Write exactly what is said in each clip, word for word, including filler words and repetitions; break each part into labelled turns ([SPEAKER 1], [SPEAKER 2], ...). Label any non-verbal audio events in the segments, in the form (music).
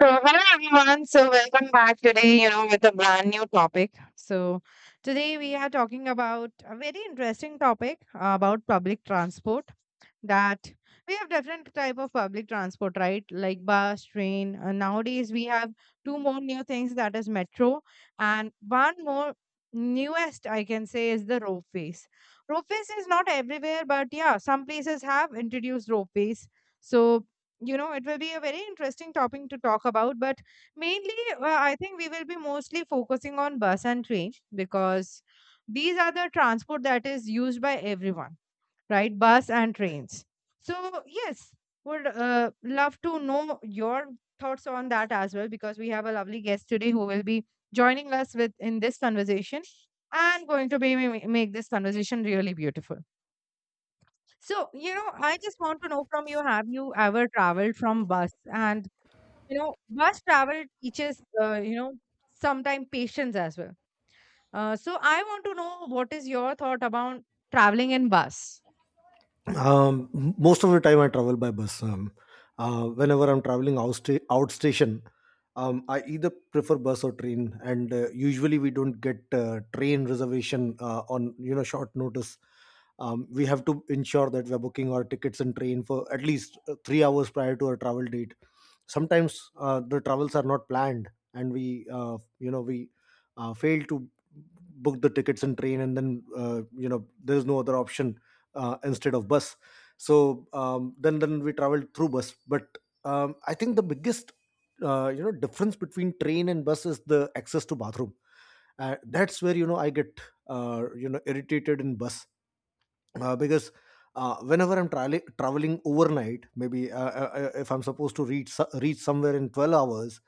[SPEAKER 1] So, hello everyone. So, welcome back today, you know, with a brand new topic. So, today we are talking about a very interesting topic uh, about public transport that we have different type of public transport, right? Like bus, train, uh, nowadays we have two more new things, that is metro, and one more newest I can say is the ropeways. Ropeways is not everywhere, but yeah, some places have introduced ropeways. So, you know, it will be a very interesting topic to talk about, but mainly uh, I think we will be mostly focusing on bus and train because these are the transport that is used by everyone, right? Bus and trains. So, yes, would uh, love to know your thoughts on that as well, because we have a lovely guest today who will be joining us with in this conversation and going to be ma- make this conversation really beautiful. So, you know, I just want to know from you, have you ever traveled from bus? And you know, bus travel teaches uh, you know, sometimes patience as well. Uh, so I want to know, what is your thought about traveling in bus?
[SPEAKER 2] Um, m- most of the time, I travel by bus. Um, uh, whenever I'm traveling outsta- outstation, um, I either prefer bus or train, and uh, usually we don't get uh, train reservation uh, on you know short notice. Um, we have to ensure that we're booking our tickets and train for at least uh, three hours prior to our travel date. Sometimes uh, the travels are not planned, and we uh, you know we uh, fail to book the tickets and train, and then uh, you know there is no other option uh, instead of bus. So um, then then we traveled through bus. But um, I think the biggest uh, you know difference between train and bus is the access to bathroom. Uh, that's where you know I get uh, you know irritated in bus, uh, because uh, whenever I'm tra- traveling overnight, maybe uh, uh, uh, if I'm supposed to reach so- reach somewhere in twelve hours,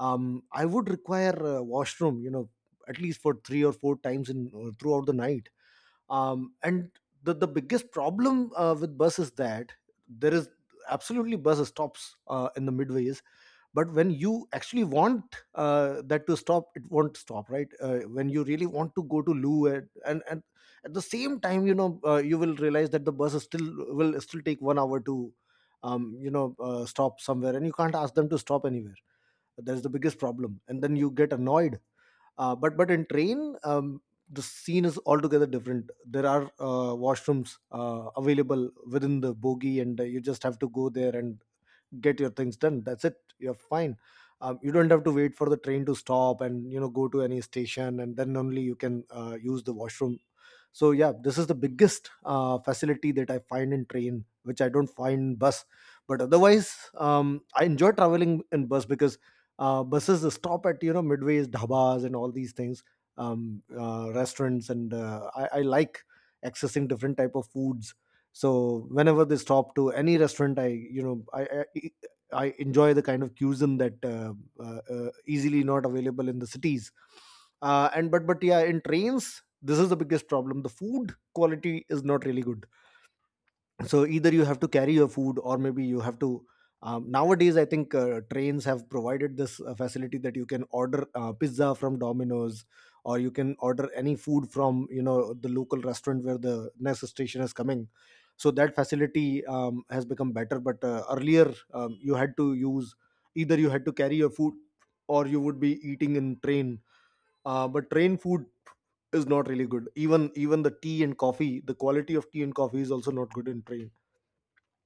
[SPEAKER 2] um, I would require a washroom, you know, at least for three or four times in uh, throughout the night. Um, and the, the biggest problem uh, with bus is that there is absolutely bus stops uh, in the midways, but when you actually want uh, that to stop, it won't stop, right? Uh, when you really want to go to loo, and, and and at the same time, you know, uh, you will realize that the bus is still will still take one hour to um, you know uh, stop somewhere, and you can't ask them to stop anywhere. That's the biggest problem, and then you get annoyed. Uh, but but in train, um, the scene is altogether different. There are uh, washrooms uh, available within the bogie, and uh, you just have to go there and get your things done. That's it, you're fine. Um, you don't have to wait for the train to stop and, you know, go to any station, and then only you can uh, use the washroom. So yeah, this is the biggest uh, facility that I find in train which I don't find in bus. But otherwise, um, I enjoy traveling in bus because uh, buses stop at, you know, midways, dhabas and all these things, um, uh, restaurants and uh, I, I like accessing different type of foods. So whenever they stop to any restaurant, I you know I, I I enjoy the kind of cuisine that uh, uh, uh, easily not available in the cities. Uh, and but but yeah, in trains, this is the biggest problem. The food quality is not really good, so either you have to carry your food, or maybe you have to um, nowadays, I think uh, trains have provided this uh, facility that you can order uh, pizza from Domino's, or you can order any food from, you know, the local restaurant where the next station is coming. So that facility um, has become better, but uh, earlier um, you had to use, either you had to carry your food, or you would be eating in train. Uh, but train food is not really good. Even even the tea and coffee, the quality of tea and coffee is also not good in train.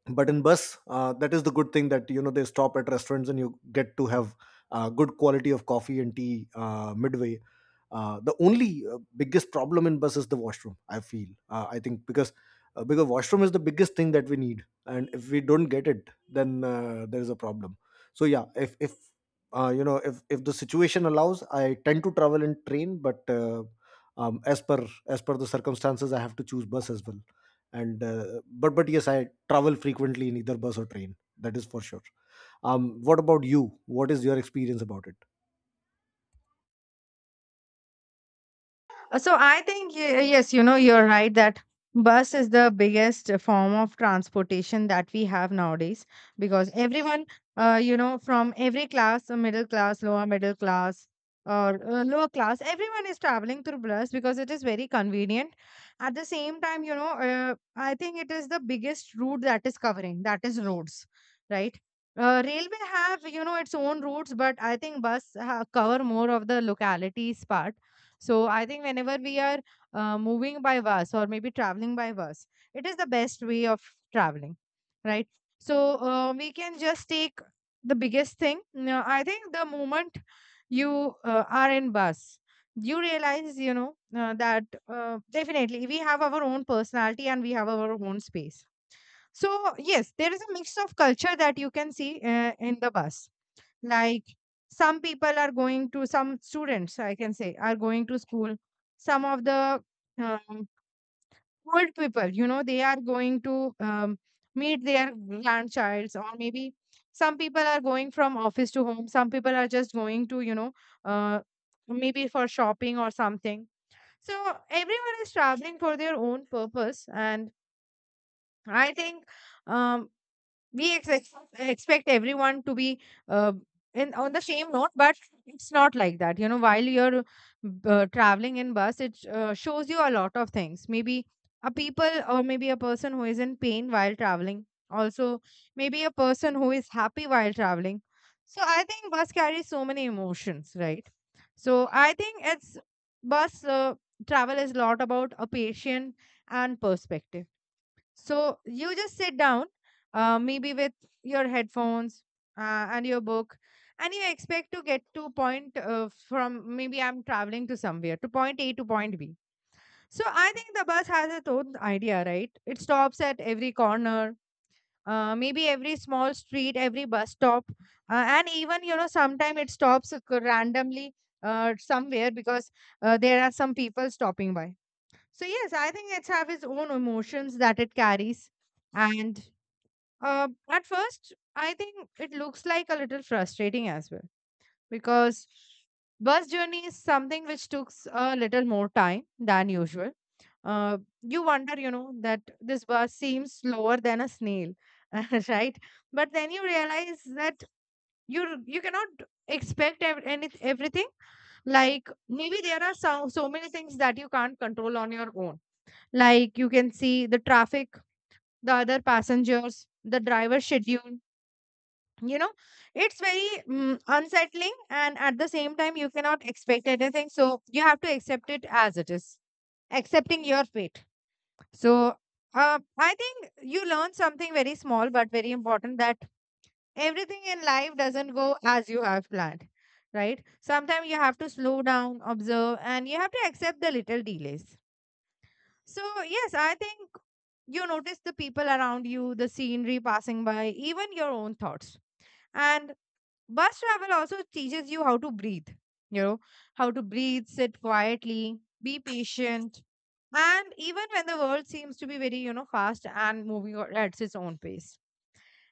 [SPEAKER 2] But in bus, uh, that is the good thing, that you know they stop at restaurants, and you get to have uh, good quality of coffee and tea uh, midway. Uh, the only uh, biggest problem in bus is the washroom, I feel. Uh, I think because uh, because washroom is the biggest thing that we need, and if we don't get it, then uh, there is a problem. So yeah, if if uh, you know if if the situation allows, I tend to travel in train, but uh, um, as per as per the circumstances, I have to choose bus as well. And uh, but but yes, I travel frequently in either bus or train. That is for sure. Um, what about you? What is your experience about it?
[SPEAKER 1] Uh, So I think y- uh, yes, you know, you're right that bus is the biggest form of transportation that we have nowadays, because everyone, uh, you know, from every class, uh, middle class, lower middle class, or uh, lower class, everyone is traveling through bus because it is very convenient. At the same time, you know, uh, I think it is the biggest route that is covering, that is roads, right? Uh, railway have, you know, its own routes, but I think bus ha- cover more of the localities part. So I think whenever we are uh, moving by bus or maybe traveling by bus, it is the best way of traveling, right? So uh, we can just take the biggest thing. Now, I think the moment you uh, are in bus, you realize, you know, uh, that uh, definitely we have our own personality and we have our own space. So yes, there is a mix of culture that you can see uh, in the bus. Like some people are going to, some students, I can say, are going to school. Some of the um, old people, you know, they are going to um, meet their grandchilds, or maybe some people are going from office to home. Some people are just going to, you know, uh, maybe for shopping or something. So everyone is traveling for their own purpose, and I think um, we ex- ex- expect everyone to be uh, in on the same note, but it's not like that. You know, while you're uh, traveling in bus, it uh, shows you a lot of things. Maybe a people, or maybe a person who is in pain while traveling also, maybe a person who is happy while traveling. So I think bus carries so many emotions, right? So I think it's bus uh, travel is a lot about a patient and perspective. So you just sit down, uh, maybe with your headphones uh, and your book, and you expect to get to point, uh, from maybe I'm traveling to somewhere, to point A to point B. So I think the bus has its own idea, right? It stops at every corner. Uh, maybe every small street, every bus stop, uh, and even you know, sometimes it stops uh, randomly uh, somewhere because uh, there are some people stopping by. So yes, I think it's have its own emotions that it carries. And uh, at first, I think it looks like a little frustrating as well, because bus journey is something which took a little more time than usual. Uh, you wonder, you know, that this bus seems slower than a snail, (laughs) right? But then you realize that you you cannot expect ev- any everything. Like maybe there are so so many things that you can't control on your own. Like you can see the traffic, the other passengers, the driver schedule, you know, it's very mm unsettling, and at the same time you cannot expect anything, so you have to accept it as it is. Accepting your fate. So uh, I think you learn something very small but very important, that everything in life doesn't go as you have planned, right? Sometimes you have to slow down, observe, and you have to accept the little delays. So, yes, I think you notice the people around you, the scenery passing by, even your own thoughts. And bus travel also teaches you how to breathe, you know, how to breathe, sit quietly, be patient. And even when the world seems to be very, you know, fast and moving o- at its own pace.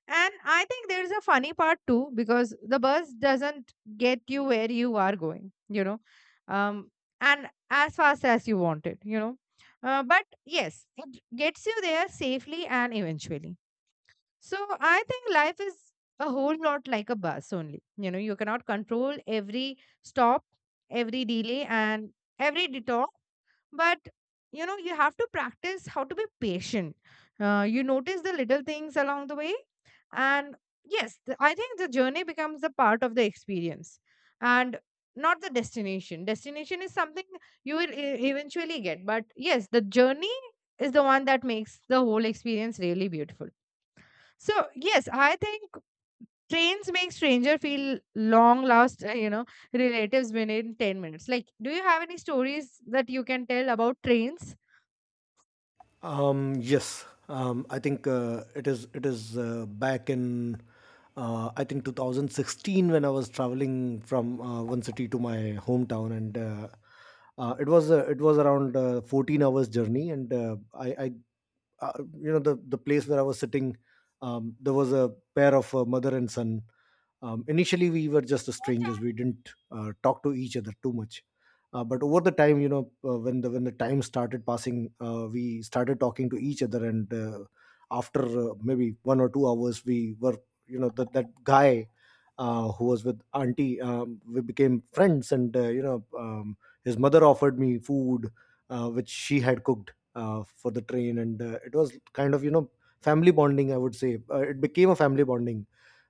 [SPEAKER 1] And I think there's a funny part too, because the bus doesn't get you where you are going, you know, um, and as fast as you want it, you know. Uh, but yes, it gets you there safely and eventually. So I think life is a whole lot like a bus only. You know, you cannot control every stop, every delay, and every detour, but you know, you have to practice how to be patient. Uh, you notice the little things along the way, and yes, the, I think the journey becomes a part of the experience, and not the destination. Destination is something you will e- eventually get, but yes, the journey is the one that makes the whole experience really beautiful. So yes, I think trains make stranger feel long last, uh, you know relatives within ten minutes. Like, do you have any stories that you can tell about trains?
[SPEAKER 2] Um, yes, um, I think uh, it is. It is uh, back in uh, I think twenty sixteen when I was traveling from uh, one city to my hometown, and uh, uh, it was uh, it was around uh, fourteen hours journey, and uh, I, I uh, you know the the place where I was sitting, um, there was a pair of uh, mother and son. Um, initially, we were just the strangers. We didn't uh, talk to each other too much, uh, but over the time, you know, uh, when the when the time started passing, uh, we started talking to each other, and uh, after uh, maybe one or two hours, we were, you know, that that guy uh, who was with auntie, um, we became friends, and, uh, you know um, his mother offered me food uh, which she had cooked uh, for the train, and uh, it was kind of, you know, family bonding, I would say. Uh, it became a family bonding.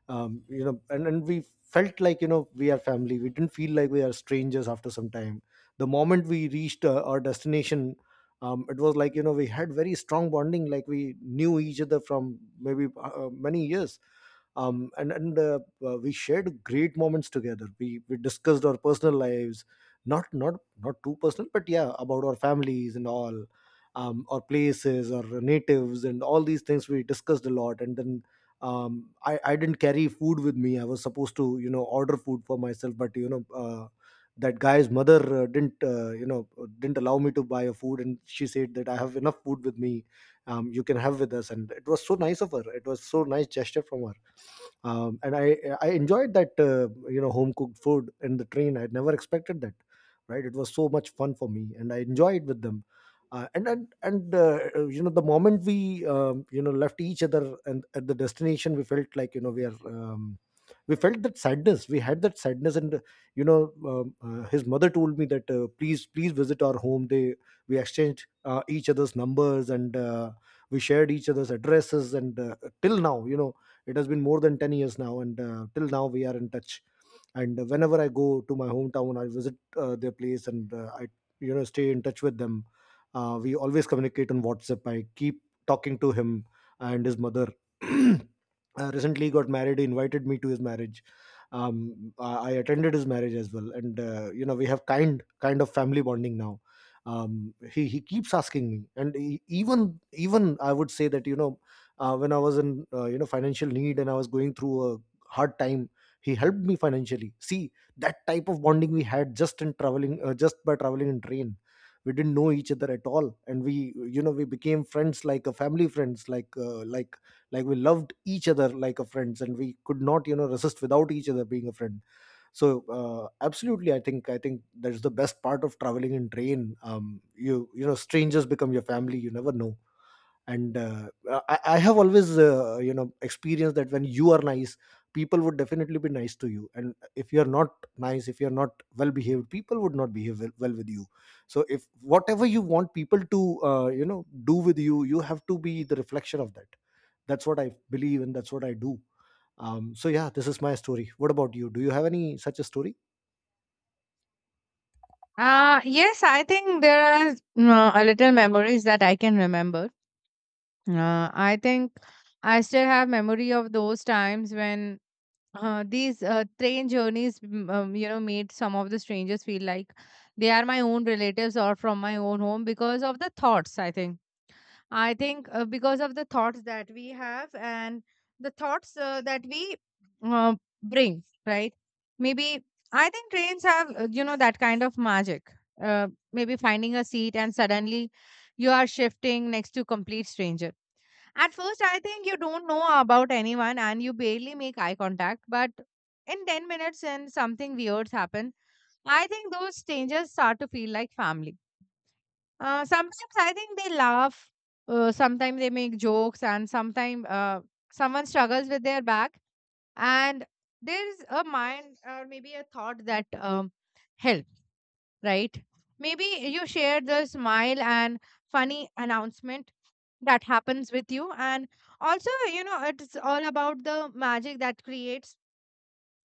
[SPEAKER 2] Um, you know and, and we felt like, you know, we are family. We didn't feel like we are strangers after some time. The moment we reached uh, our destination, um, it was like, you know, we had very strong bonding, like we knew each other from maybe uh, many years. Um, and and uh, uh, We shared great moments together. We we discussed our personal lives, not not not too personal, but yeah, about our families and all, um, our places, our natives, and all these things we discussed a lot. And then um, I I didn't carry food with me. I was supposed to, you know, order food for myself, but you know. Uh, that guy's mother uh, didn't uh, you know uh, didn't allow me to buy a food, and she said that I have enough food with me. Um, you can have with us. And it was so nice of her. It was so nice gesture from her. Um, and I I enjoyed that uh, you know home cooked food in the train. I had never expected that, right? It was so much fun for me, and I enjoyed with them. Uh, and and and uh, uh, You know, the moment we um, you know left each other and at the destination, we felt like, you know we are um, we felt that sadness. We had that sadness. And, you know um, uh, his mother told me that, uh, please please visit our home. They We exchanged uh, each other's numbers, and uh, we shared each other's addresses. And uh, till now, you know, it has been more than ten years now, and uh, till now we are in touch. And uh, whenever I go to my hometown, I visit uh, their place. And uh, I you know stay in touch with them. Uh, we always communicate on WhatsApp. I keep talking to him and his mother. (clears throat) Uh, recently got married. He invited me to his marriage. Um, I I attended his marriage as well, and uh, you know, we have kind kind of family bonding now. Um, he he keeps asking me, and he, even even I would say that, you know, uh, when I was in uh, you know financial need and I was going through a hard time, he helped me financially. See, that type of bonding we had, just in traveling, uh, just by traveling in train. We didn't know each other at all, and we, you know, we became friends like a family friends, like uh, like like we loved each other like a friends, and we could not, you know, resist without each other being a friend. So uh, absolutely, i think i think that's the best part of traveling in train. Um, you, you know, strangers become your family, you never know. And uh, I, I have always uh, you know experienced that when you are nice, people would definitely be nice to you, and if you're not nice, if you're not well behaved, people would not behave well, well with you. So if whatever you want people to uh, you know do with you, you have to be the reflection of that. That's what I believe, and that's what I do. Um, so yeah, this is my story. What about you? Do you have any such a story?
[SPEAKER 1] Uh, yes, I think there are uh, a little memories that I can remember. Uh, I think I still have memory of those times when uh, these uh, train journeys, mm, um, you know, made some of the strangers feel like they are my own relatives or from my own home, because of the thoughts, I think. I think uh, because of the thoughts that we have and the thoughts uh, that we uh, bring, right? Maybe I think trains have, uh, you know, that kind of magic. Uh, maybe finding a seat and suddenly you are shifting next to complete stranger. At first, I think you don't know about anyone and you barely make eye contact, but in ten minutes and something weird happen, I think those strangers start to feel like family. Uh, sometimes I think they laugh. Uh, sometimes they make jokes, and sometimes uh, someone struggles with their back, and there's a mind or maybe a thought that um, help, right? Maybe you share the smile and funny announcement that happens with you, and also you know it's all about the magic that creates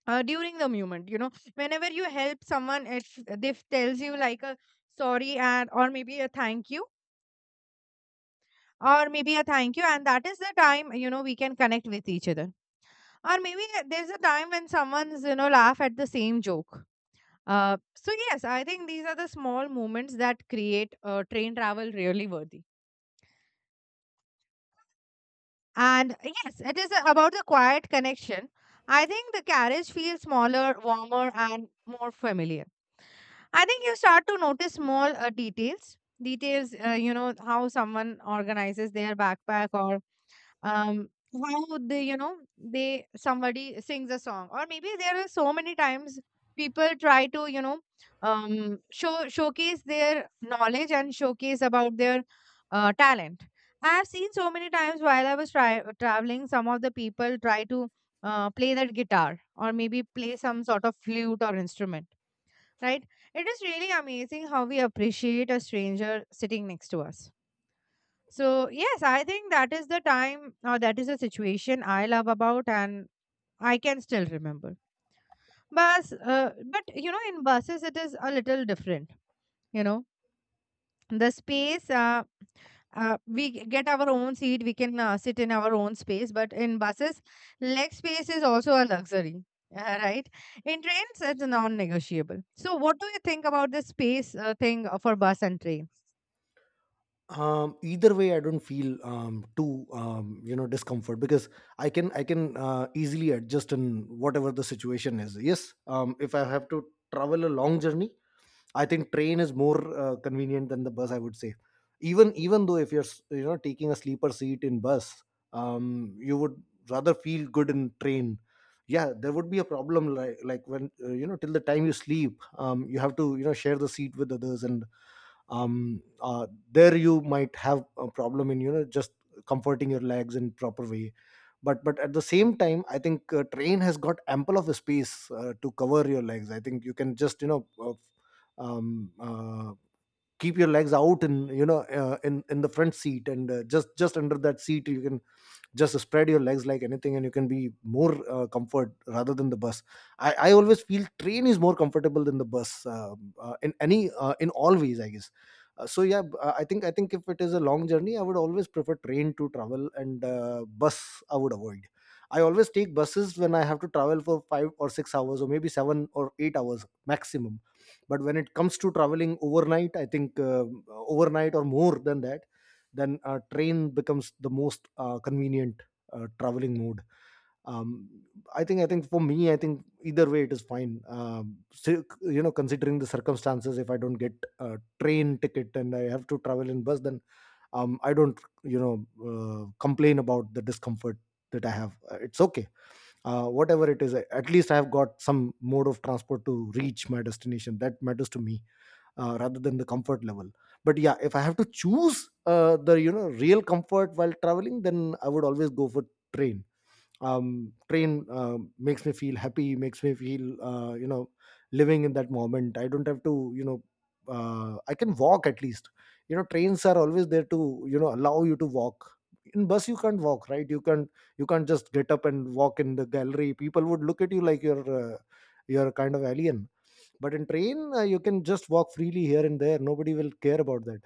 [SPEAKER 1] uh, during the moment. You know, whenever you help someone, if they tells you like a sorry and, or maybe a thank you, or maybe a thank you, and that is the time, you know, we can connect with each other. Or maybe uh, there's a time when someone's, you know, laugh at the same joke. Uh, so yes, I think these are the small moments that create uh, train travel really worthy. And yes, it is uh, about the quiet connection. I think the carriage feels smaller, warmer, and more familiar. I think you start to notice small uh, details. Details, Uh, you know, how someone organizes their backpack. Or um how they, you know, they, somebody sings a song, or maybe there are so many times people try to, you know, um show showcase their knowledge and showcase about their uh, talent. I have seen so many times while I was try- traveling, some of the people try to uh, play that guitar or maybe play some sort of flute or instrument, right? It is really amazing how we appreciate a stranger sitting next to us. So, yes, I think that is the time or that is the situation I love about and I can still remember. Bus, uh, but you know, in buses, it is a little different. You know, the space, uh, uh, we g- get our own seat, we can uh, sit in our own space, but in buses, leg space is also a luxury. (laughs) Uh, right? In trains, it's non negotiable. So, what do you think about this space uh, thing uh, for bus and train?
[SPEAKER 2] um, Either way I don't feel um, too um, you know discomfort, because i can i can uh, easily adjust in whatever the situation is. Yes, um, if I have to travel a long journey, I think train is more uh, convenient than the bus, I would say. Even even though if you're s- you know taking a sleeper seat in bus, um, you would rather feel good in train. Yeah, there would be a problem like like when uh, you know till the time you sleep, um, you have to you know share the seat with others. And um, uh, there you might have a problem in you know just comforting your legs in proper way. But but at the same time I think uh, train has got ample of space uh, to cover your legs. I think you can just you know uh, um, uh, keep your legs out, and you know uh, in in the front seat and uh, just just under that seat you can just spread your legs like anything, and you can be more uh, comfort rather than the bus. I i always feel train is more comfortable than the bus, um, uh, in any uh, in all ways I guess. Uh, so yeah, b- uh, i think i think if it is a long journey I would always prefer train to travel and uh, bus I would avoid. I always take buses when I have to travel for five or six hours or maybe seven or eight hours maximum. But when it comes to traveling overnight, I think uh, overnight or more than that, then uh, train becomes the most uh, convenient uh, traveling mode. um, i think i think for me I think either way it is fine. Um, so, you know, considering the circumstances, if I don't get a train ticket and I have to travel in bus, then um, I don't you know uh, complain about the discomfort that I have. Uh, it's okay, uh, whatever it is. I- at least I have got some mode of transport to reach my destination. That matters to me, uh, rather than the comfort level. But yeah, if I have to choose uh, the you know real comfort while traveling, then I would always go for train. Um, train um makes me feel happy, makes me feel uh, you know living in that moment. I don't have to you know uh, I can walk at least. You know, trains are always there to you know allow you to walk. In bus you can't walk, right? You can't, you can't just get up and walk in the gallery. People would look at you like you're uh, you're a kind of alien. But in train, uh, you can just walk freely here and there. Nobody will care about that.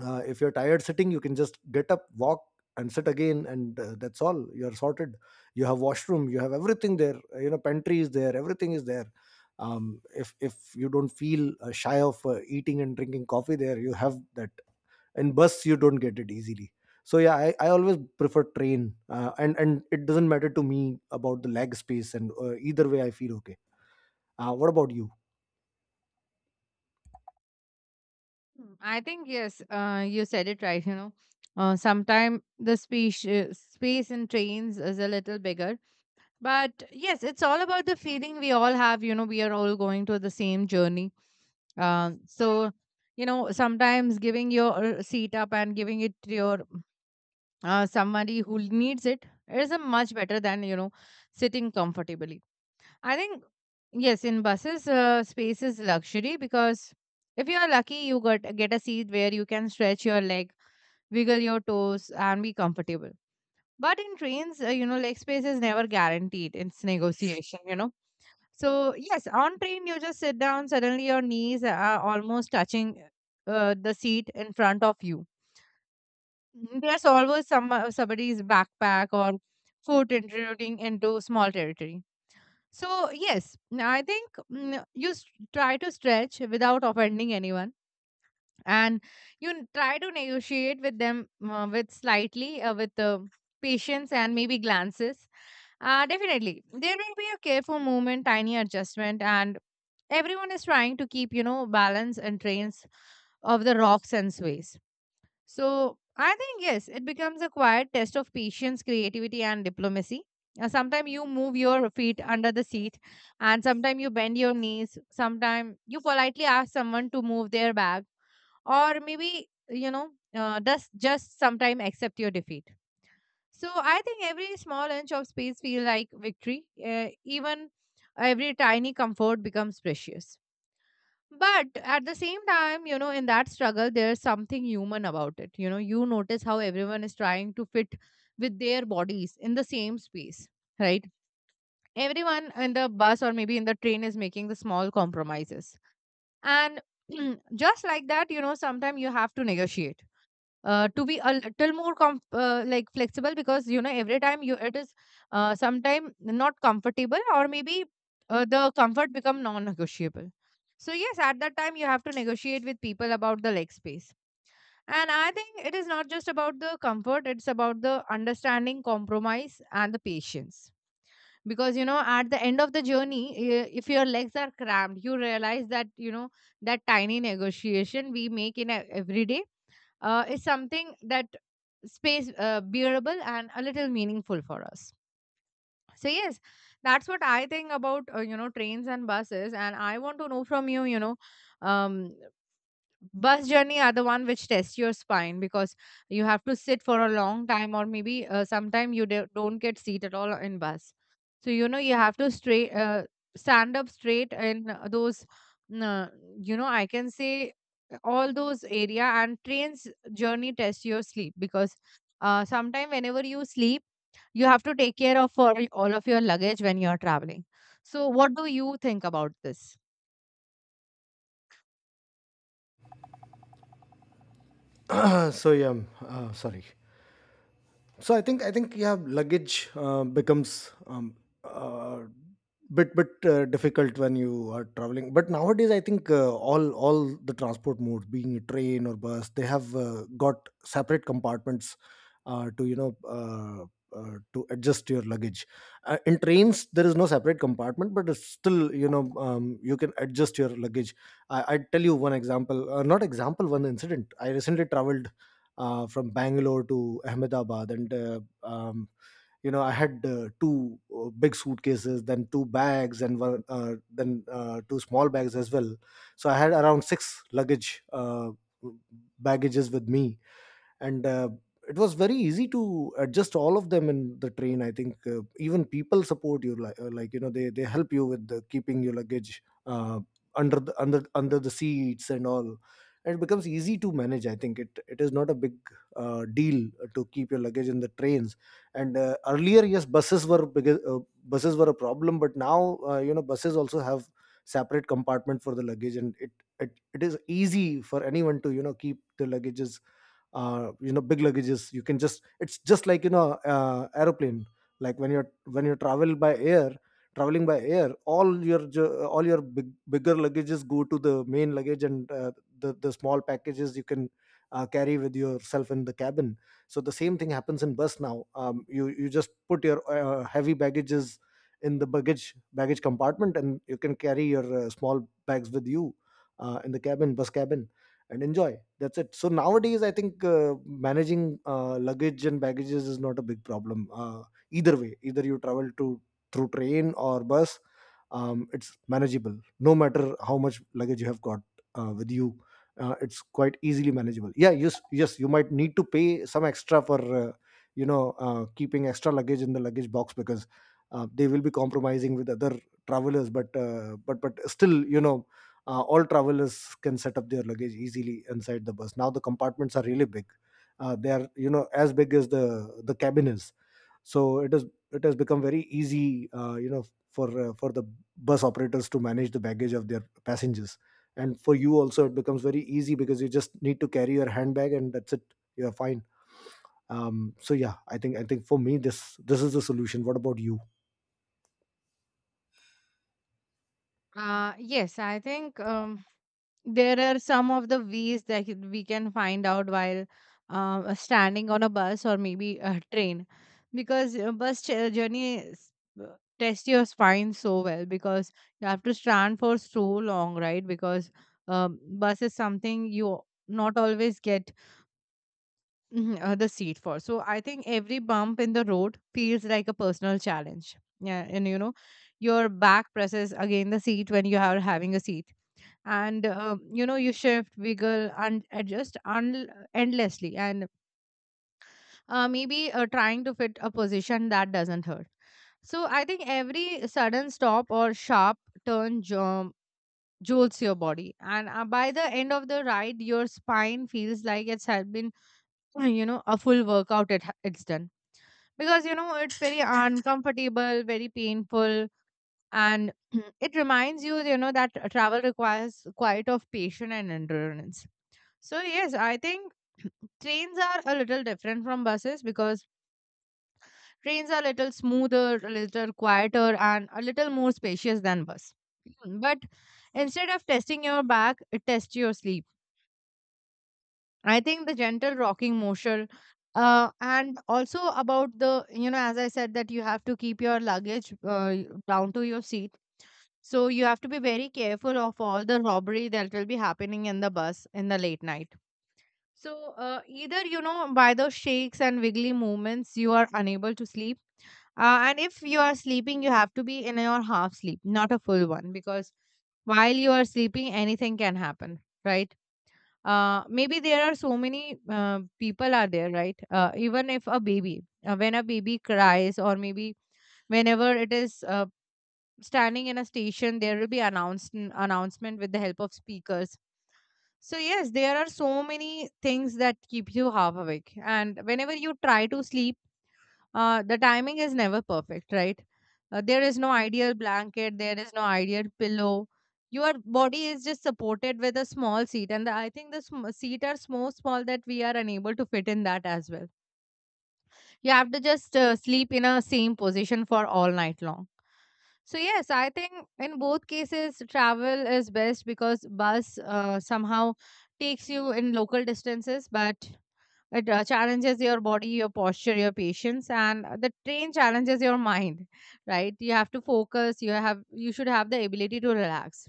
[SPEAKER 2] uh, If you're tired sitting, you can just get up, walk and sit again, and uh, that's all, you're sorted. You have washroom, you have everything there. Uh, you know, pantry is there, everything is there. um, if if you don't feel uh, shy of uh, eating and drinking coffee there, you have that. In bus you don't get it easily. So yeah, i, I always prefer train, uh, and and it doesn't matter to me about the leg space, and uh, either way I feel okay. Uh, what about you?
[SPEAKER 1] Hmm, I think yes, uh, you said it right. You know, uh, sometimes the space uh, space in trains is a little bigger, but yes, it's all about the feeling we all have. You know, we are all going to the same journey. Um, so, you know, sometimes giving your seat up and giving it to your uh, somebody who needs it is a much better than, you know, sitting comfortably. I think yes, in buses, uh, space is luxury because if you are lucky, you got get a seat where you can stretch your leg, wiggle your toes, and be comfortable. But in trains, uh, you know, leg space is never guaranteed. It's negotiation, you know. So yes, on train you just sit down. Suddenly your knees are almost touching uh, the seat in front of you. Mm, There's always some uh, somebody's backpack or foot intruding into small territory. So, yes, n- I think mm, you s- try to stretch without offending anyone and you n- try to negotiate with them uh, with slightly, uh, with uh, patience and maybe glances. Uh, definitely, there will be a careful movement, tiny adjustment, and everyone is trying to keep, you know, balance and trains of the rocks and sways. So I think, yes, it becomes a quiet test of patience, creativity, and diplomacy. Sometimes you move your feet under the seat, and sometimes you bend your knees. Sometimes you politely ask someone to move their bag, or maybe, you know, uh, does just sometimes accept your defeat. So I think every small inch of space feels like victory. Uh, even every tiny comfort becomes precious. But at the same time, you know, in that struggle, there's something human about it. You know, you notice how everyone is trying to fit with their bodies in the same space, right? Everyone in the bus or maybe in the train is making the small compromises. And (clears throat) just like that, you know, sometimes you have to negotiate uh, to be a little more com- uh, like flexible because you know every time you it is uh, sometime not comfortable or maybe uh, the comfort become non-negotiable. So yes, at that time you have to negotiate with people about the leg space, and I think it is not just about the comfort, it's about the understanding, compromise, and the patience. Because you know, at the end of the journey, i- if your legs are cramped, you realize that you know that tiny negotiation we make in a- every day uh, is something that space uh, bearable and a little meaningful for us. So yes, that's what I think about uh, you know, trains and buses, and I want to know from you, you know. um Bus journey are the one which test your spine because you have to sit for a long time, or maybe uh, sometime you do- don't get seat at all in bus. So you know, you have to straight uh, stand up straight in uh, those uh, you know, I can say all those area, and trains journey test your sleep because uh, sometime whenever you sleep, you have to take care of for all of your luggage when you're traveling. So what do you think about this?
[SPEAKER 2] (clears throat) So yeah, um, uh, sorry. So I think I think yeah, luggage uh, becomes um, uh, bit bit uh, difficult when you are traveling. But nowadays, I think uh, all all the transport modes, being it train or bus, they have uh, got separate compartments uh, to you know. Uh, uh, to adjust your luggage, uh, in trains there is no separate compartment, but it's still you know, um, you can adjust your luggage. I, I tell you one example, uh, not example, one incident. I recently traveled uh, from Bangalore to Ahmedabad, and uh, um, you know I had uh, two uh, big suitcases, then two bags, and one uh, then uh, two small bags as well. So I had around six luggage uh, baggages with me. And uh, it was very easy to adjust all of them in the train. I think uh, even people support you, like, uh, like you know they they help you with the keeping your luggage uh, under the under under the seats and all, and it becomes easy to manage. I think it, it is not a big uh, deal to keep your luggage in the trains. And uh, earlier, yes, buses were big, uh, buses were a problem, but now uh, you know buses also have separate compartment for the luggage, and it, it it is easy for anyone to you know keep the luggages. Uh, you know, big luggages, you can just, it's just like you know uh, aeroplane. Like when you're, when you travel by air, traveling by air, all your ju- all your big, bigger luggages go to the main luggage, and uh, the the small packages you can uh, carry with yourself in the cabin. So the same thing happens in bus now. Um, you, you just put your uh, heavy baggages in the baggage baggage compartment, and you can carry your uh, small bags with you uh, in the cabin, bus cabin, and enjoy. That's it. So nowadays, I think uh, managing uh, luggage and baggages is not a big problem. Uh, either way, either you travel to through train or bus, um, it's manageable, no matter how much luggage you have got uh, with you. Uh, it's quite easily manageable. Yeah, yes, yes, you might need to pay some extra for uh, you know uh, keeping extra luggage in the luggage box, because uh, they will be compromising with other travelers. But uh, but but still, you know, uh, all travelers can set up their luggage easily inside the bus. Now the compartments are really big. Uh, they are, you know, as big as the the cabin is. So it is, it has become very easy, uh, you know, for uh, for the bus operators to manage the baggage of their passengers. And for you also, it becomes very easy because you just need to carry your handbag and that's it. You're fine. Um, so yeah, I think I think for me this this is the solution. What about you?
[SPEAKER 1] Uh, yes, I think um, there are some of the ways that you- we can find out while uh, standing on a bus or maybe a train because uh, bus ch- uh, journey is- uh, tests your spine so well because you have to stand for so long, right? Because um, bus is something you not always get. Mhm, uh, the seat for. So I think every bump in the road feels like a personal challenge. Yeah, and you know, your back presses against the seat when you are having a seat, and uh, you know you shift, wiggle, and adjust un- endlessly, and uh, maybe uh, trying to fit a position that doesn't hurt. So I think every sudden stop or sharp turn jump jolts your body, and uh, by the end of the ride, your spine feels like it's had been uh, you know, a full workout it ha- it's done because you know it's very uncomfortable, very painful. And (clears throat) it reminds you, you know, that uh, travel requires quite of patience and endurance. So yes, I think trains are a little different from buses because trains are a little smoother, a little quieter, and a little more spacious than bus. (clears throat) But instead of testing your back, it tests your sleep. I think the gentle rocking motion, uh, and also about the, you know, as I said, that you have to keep your luggage uh, down to your seat. So you have to be very careful of all the robbery that will be happening in the bus in the late night. So uh, either, you know, by the shakes and wiggly movements, you are unable to sleep. Uh, and if you are sleeping, you have to be in your half sleep, not a full one, because while you are sleeping, anything can happen, right? Uh, maybe there are so many uh, people are there, right? Uh, even if a baby uh, when a baby cries, or maybe whenever it is uh, standing in a station, there will be announced announcement with the help of speakers. So yes, there are so many things that keep you half awake, and whenever you try to sleep, uh, the timing is never perfect, right? Uh, there is no ideal blanket, there is no ideal pillow. Your body is just supported with a small seat, and the, I think the sm- seat are so small that we are unable to fit in that as well. You have to just uh, sleep in a same position for all night long. So yes, I think in both cases travel is best because bus uh, somehow takes you in local distances, but it uh, challenges your body, your posture, your patience, and uh, the train challenges your mind. Right? You have to focus. You have you should have the ability to relax.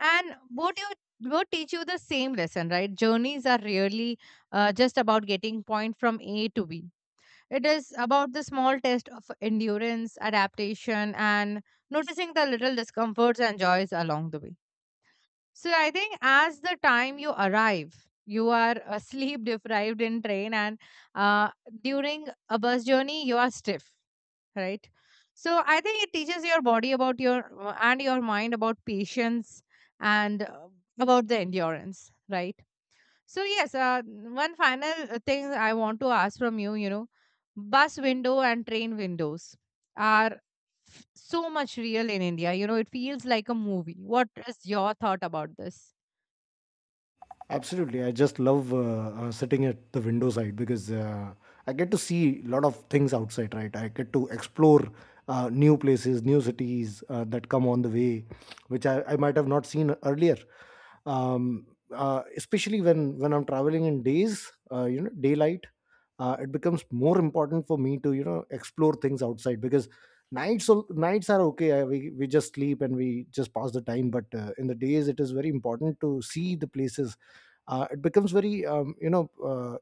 [SPEAKER 1] And both you both teach you the same lesson, right? Journeys are really uh, just about getting point from A to B, it is about the small test of endurance, adaptation, and noticing the little discomforts and joys along the way. So I think as the time you arrive, you are uh, sleep (laughs) deprived in train, and uh, during a bus journey, you are stiff, right? So I think it teaches your body about your uh, and your mind about patience and uh, about the endurance, right? So yes, uh, one final uh, thing I want to ask from you, you know, bus window and train windows are f- so much real in India. You know, it feels like a movie. What is your thought about this?
[SPEAKER 2] Absolutely. I just love uh, uh, sitting at the window side, because uh, I get to see a lot of things outside, right? I get to explore uh, new places, new cities uh, that come on the way, which I, I might have not seen earlier. Um, uh, Especially when, when I'm traveling in days, uh, you know, daylight, uh, it becomes more important for me to, you know, explore things outside, because nights, al- nights are okay. I, we, we just sleep and we just pass the time. But uh, in the days, it is very important to see the places. Uh, it becomes very um, you know uh,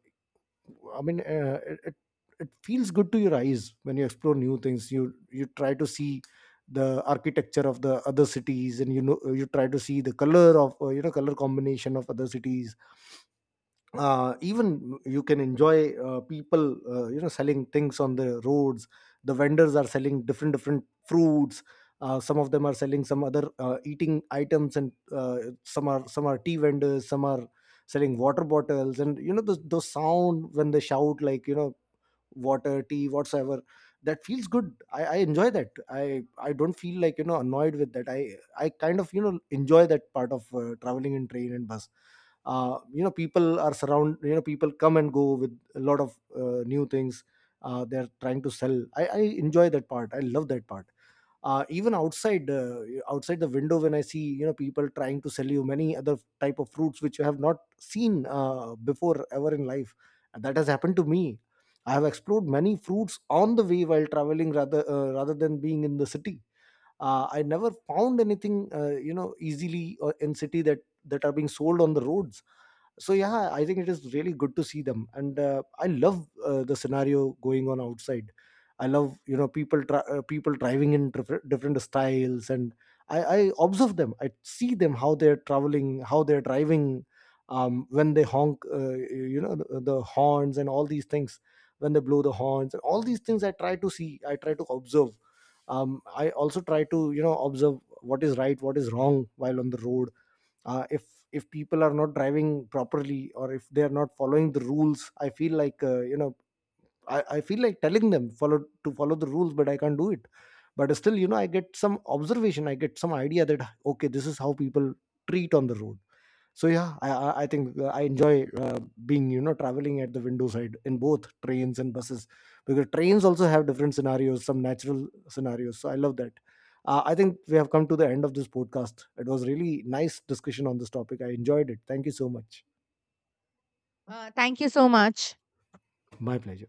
[SPEAKER 2] i mean uh, it, it it feels good to your eyes when you explore new things. you you try to see the architecture of the other cities, and you know you try to see the color of uh, you know color combination of other cities. Uh, even you can enjoy uh, people uh, you know selling things on the roads. The vendors are selling different different fruits. Uh, some of them are selling some other uh, eating items, and uh, some are, some are tea vendors, some are selling water bottles. And you know the, the sound when they shout, like, you know, water, tea, whatsoever. That feels good. I, I enjoy that. i i don't feel like you know annoyed with that. i i kind of you know enjoy that part of uh, traveling in train and bus. Uh, you know, people are surround, you know people come and go with a lot of uh, new things uh, they're trying to sell. I, I enjoy that part, I love that part. Uh, even outside, uh, outside the window, when I see you know people trying to sell you many other type of fruits which you have not seen uh, before ever in life. And that has happened to me. I have explored many fruits on the way while traveling, rather uh, rather than being in the city. uh, I never found anything uh, you know easily uh, in city, that that are being sold on the roads. So yeah, I think it is really good to see them, and uh, I love uh, the scenario going on outside. I love, you know, people tra- uh, people driving in different, different styles. And I, I observe them, I see them how they're traveling, how they're driving. Um, when they honk, uh, you know the, the horns and all these things, when they blow the horns and all these things, I try to see, I try to observe. um, I also try to, you know, observe what is right, what is wrong while on the road. uh, if if people are not driving properly, or if they are not following the rules, I feel like uh, you know I, I feel like telling them follow to follow the rules, but I can't do it. But still, you know, I get some observation, I get some idea that okay, this is how people treat on the road. So yeah, i i I think uh, I enjoy uh, being, you know, traveling at the window side, in both trains and buses, because trains also have different scenarios, some natural scenarios. So I love that. uh, I think we have come to the end of this podcast. It was really nice discussion on this topic. I enjoyed it. Thank you so much.
[SPEAKER 1] Uh, thank you so much.
[SPEAKER 2] My pleasure.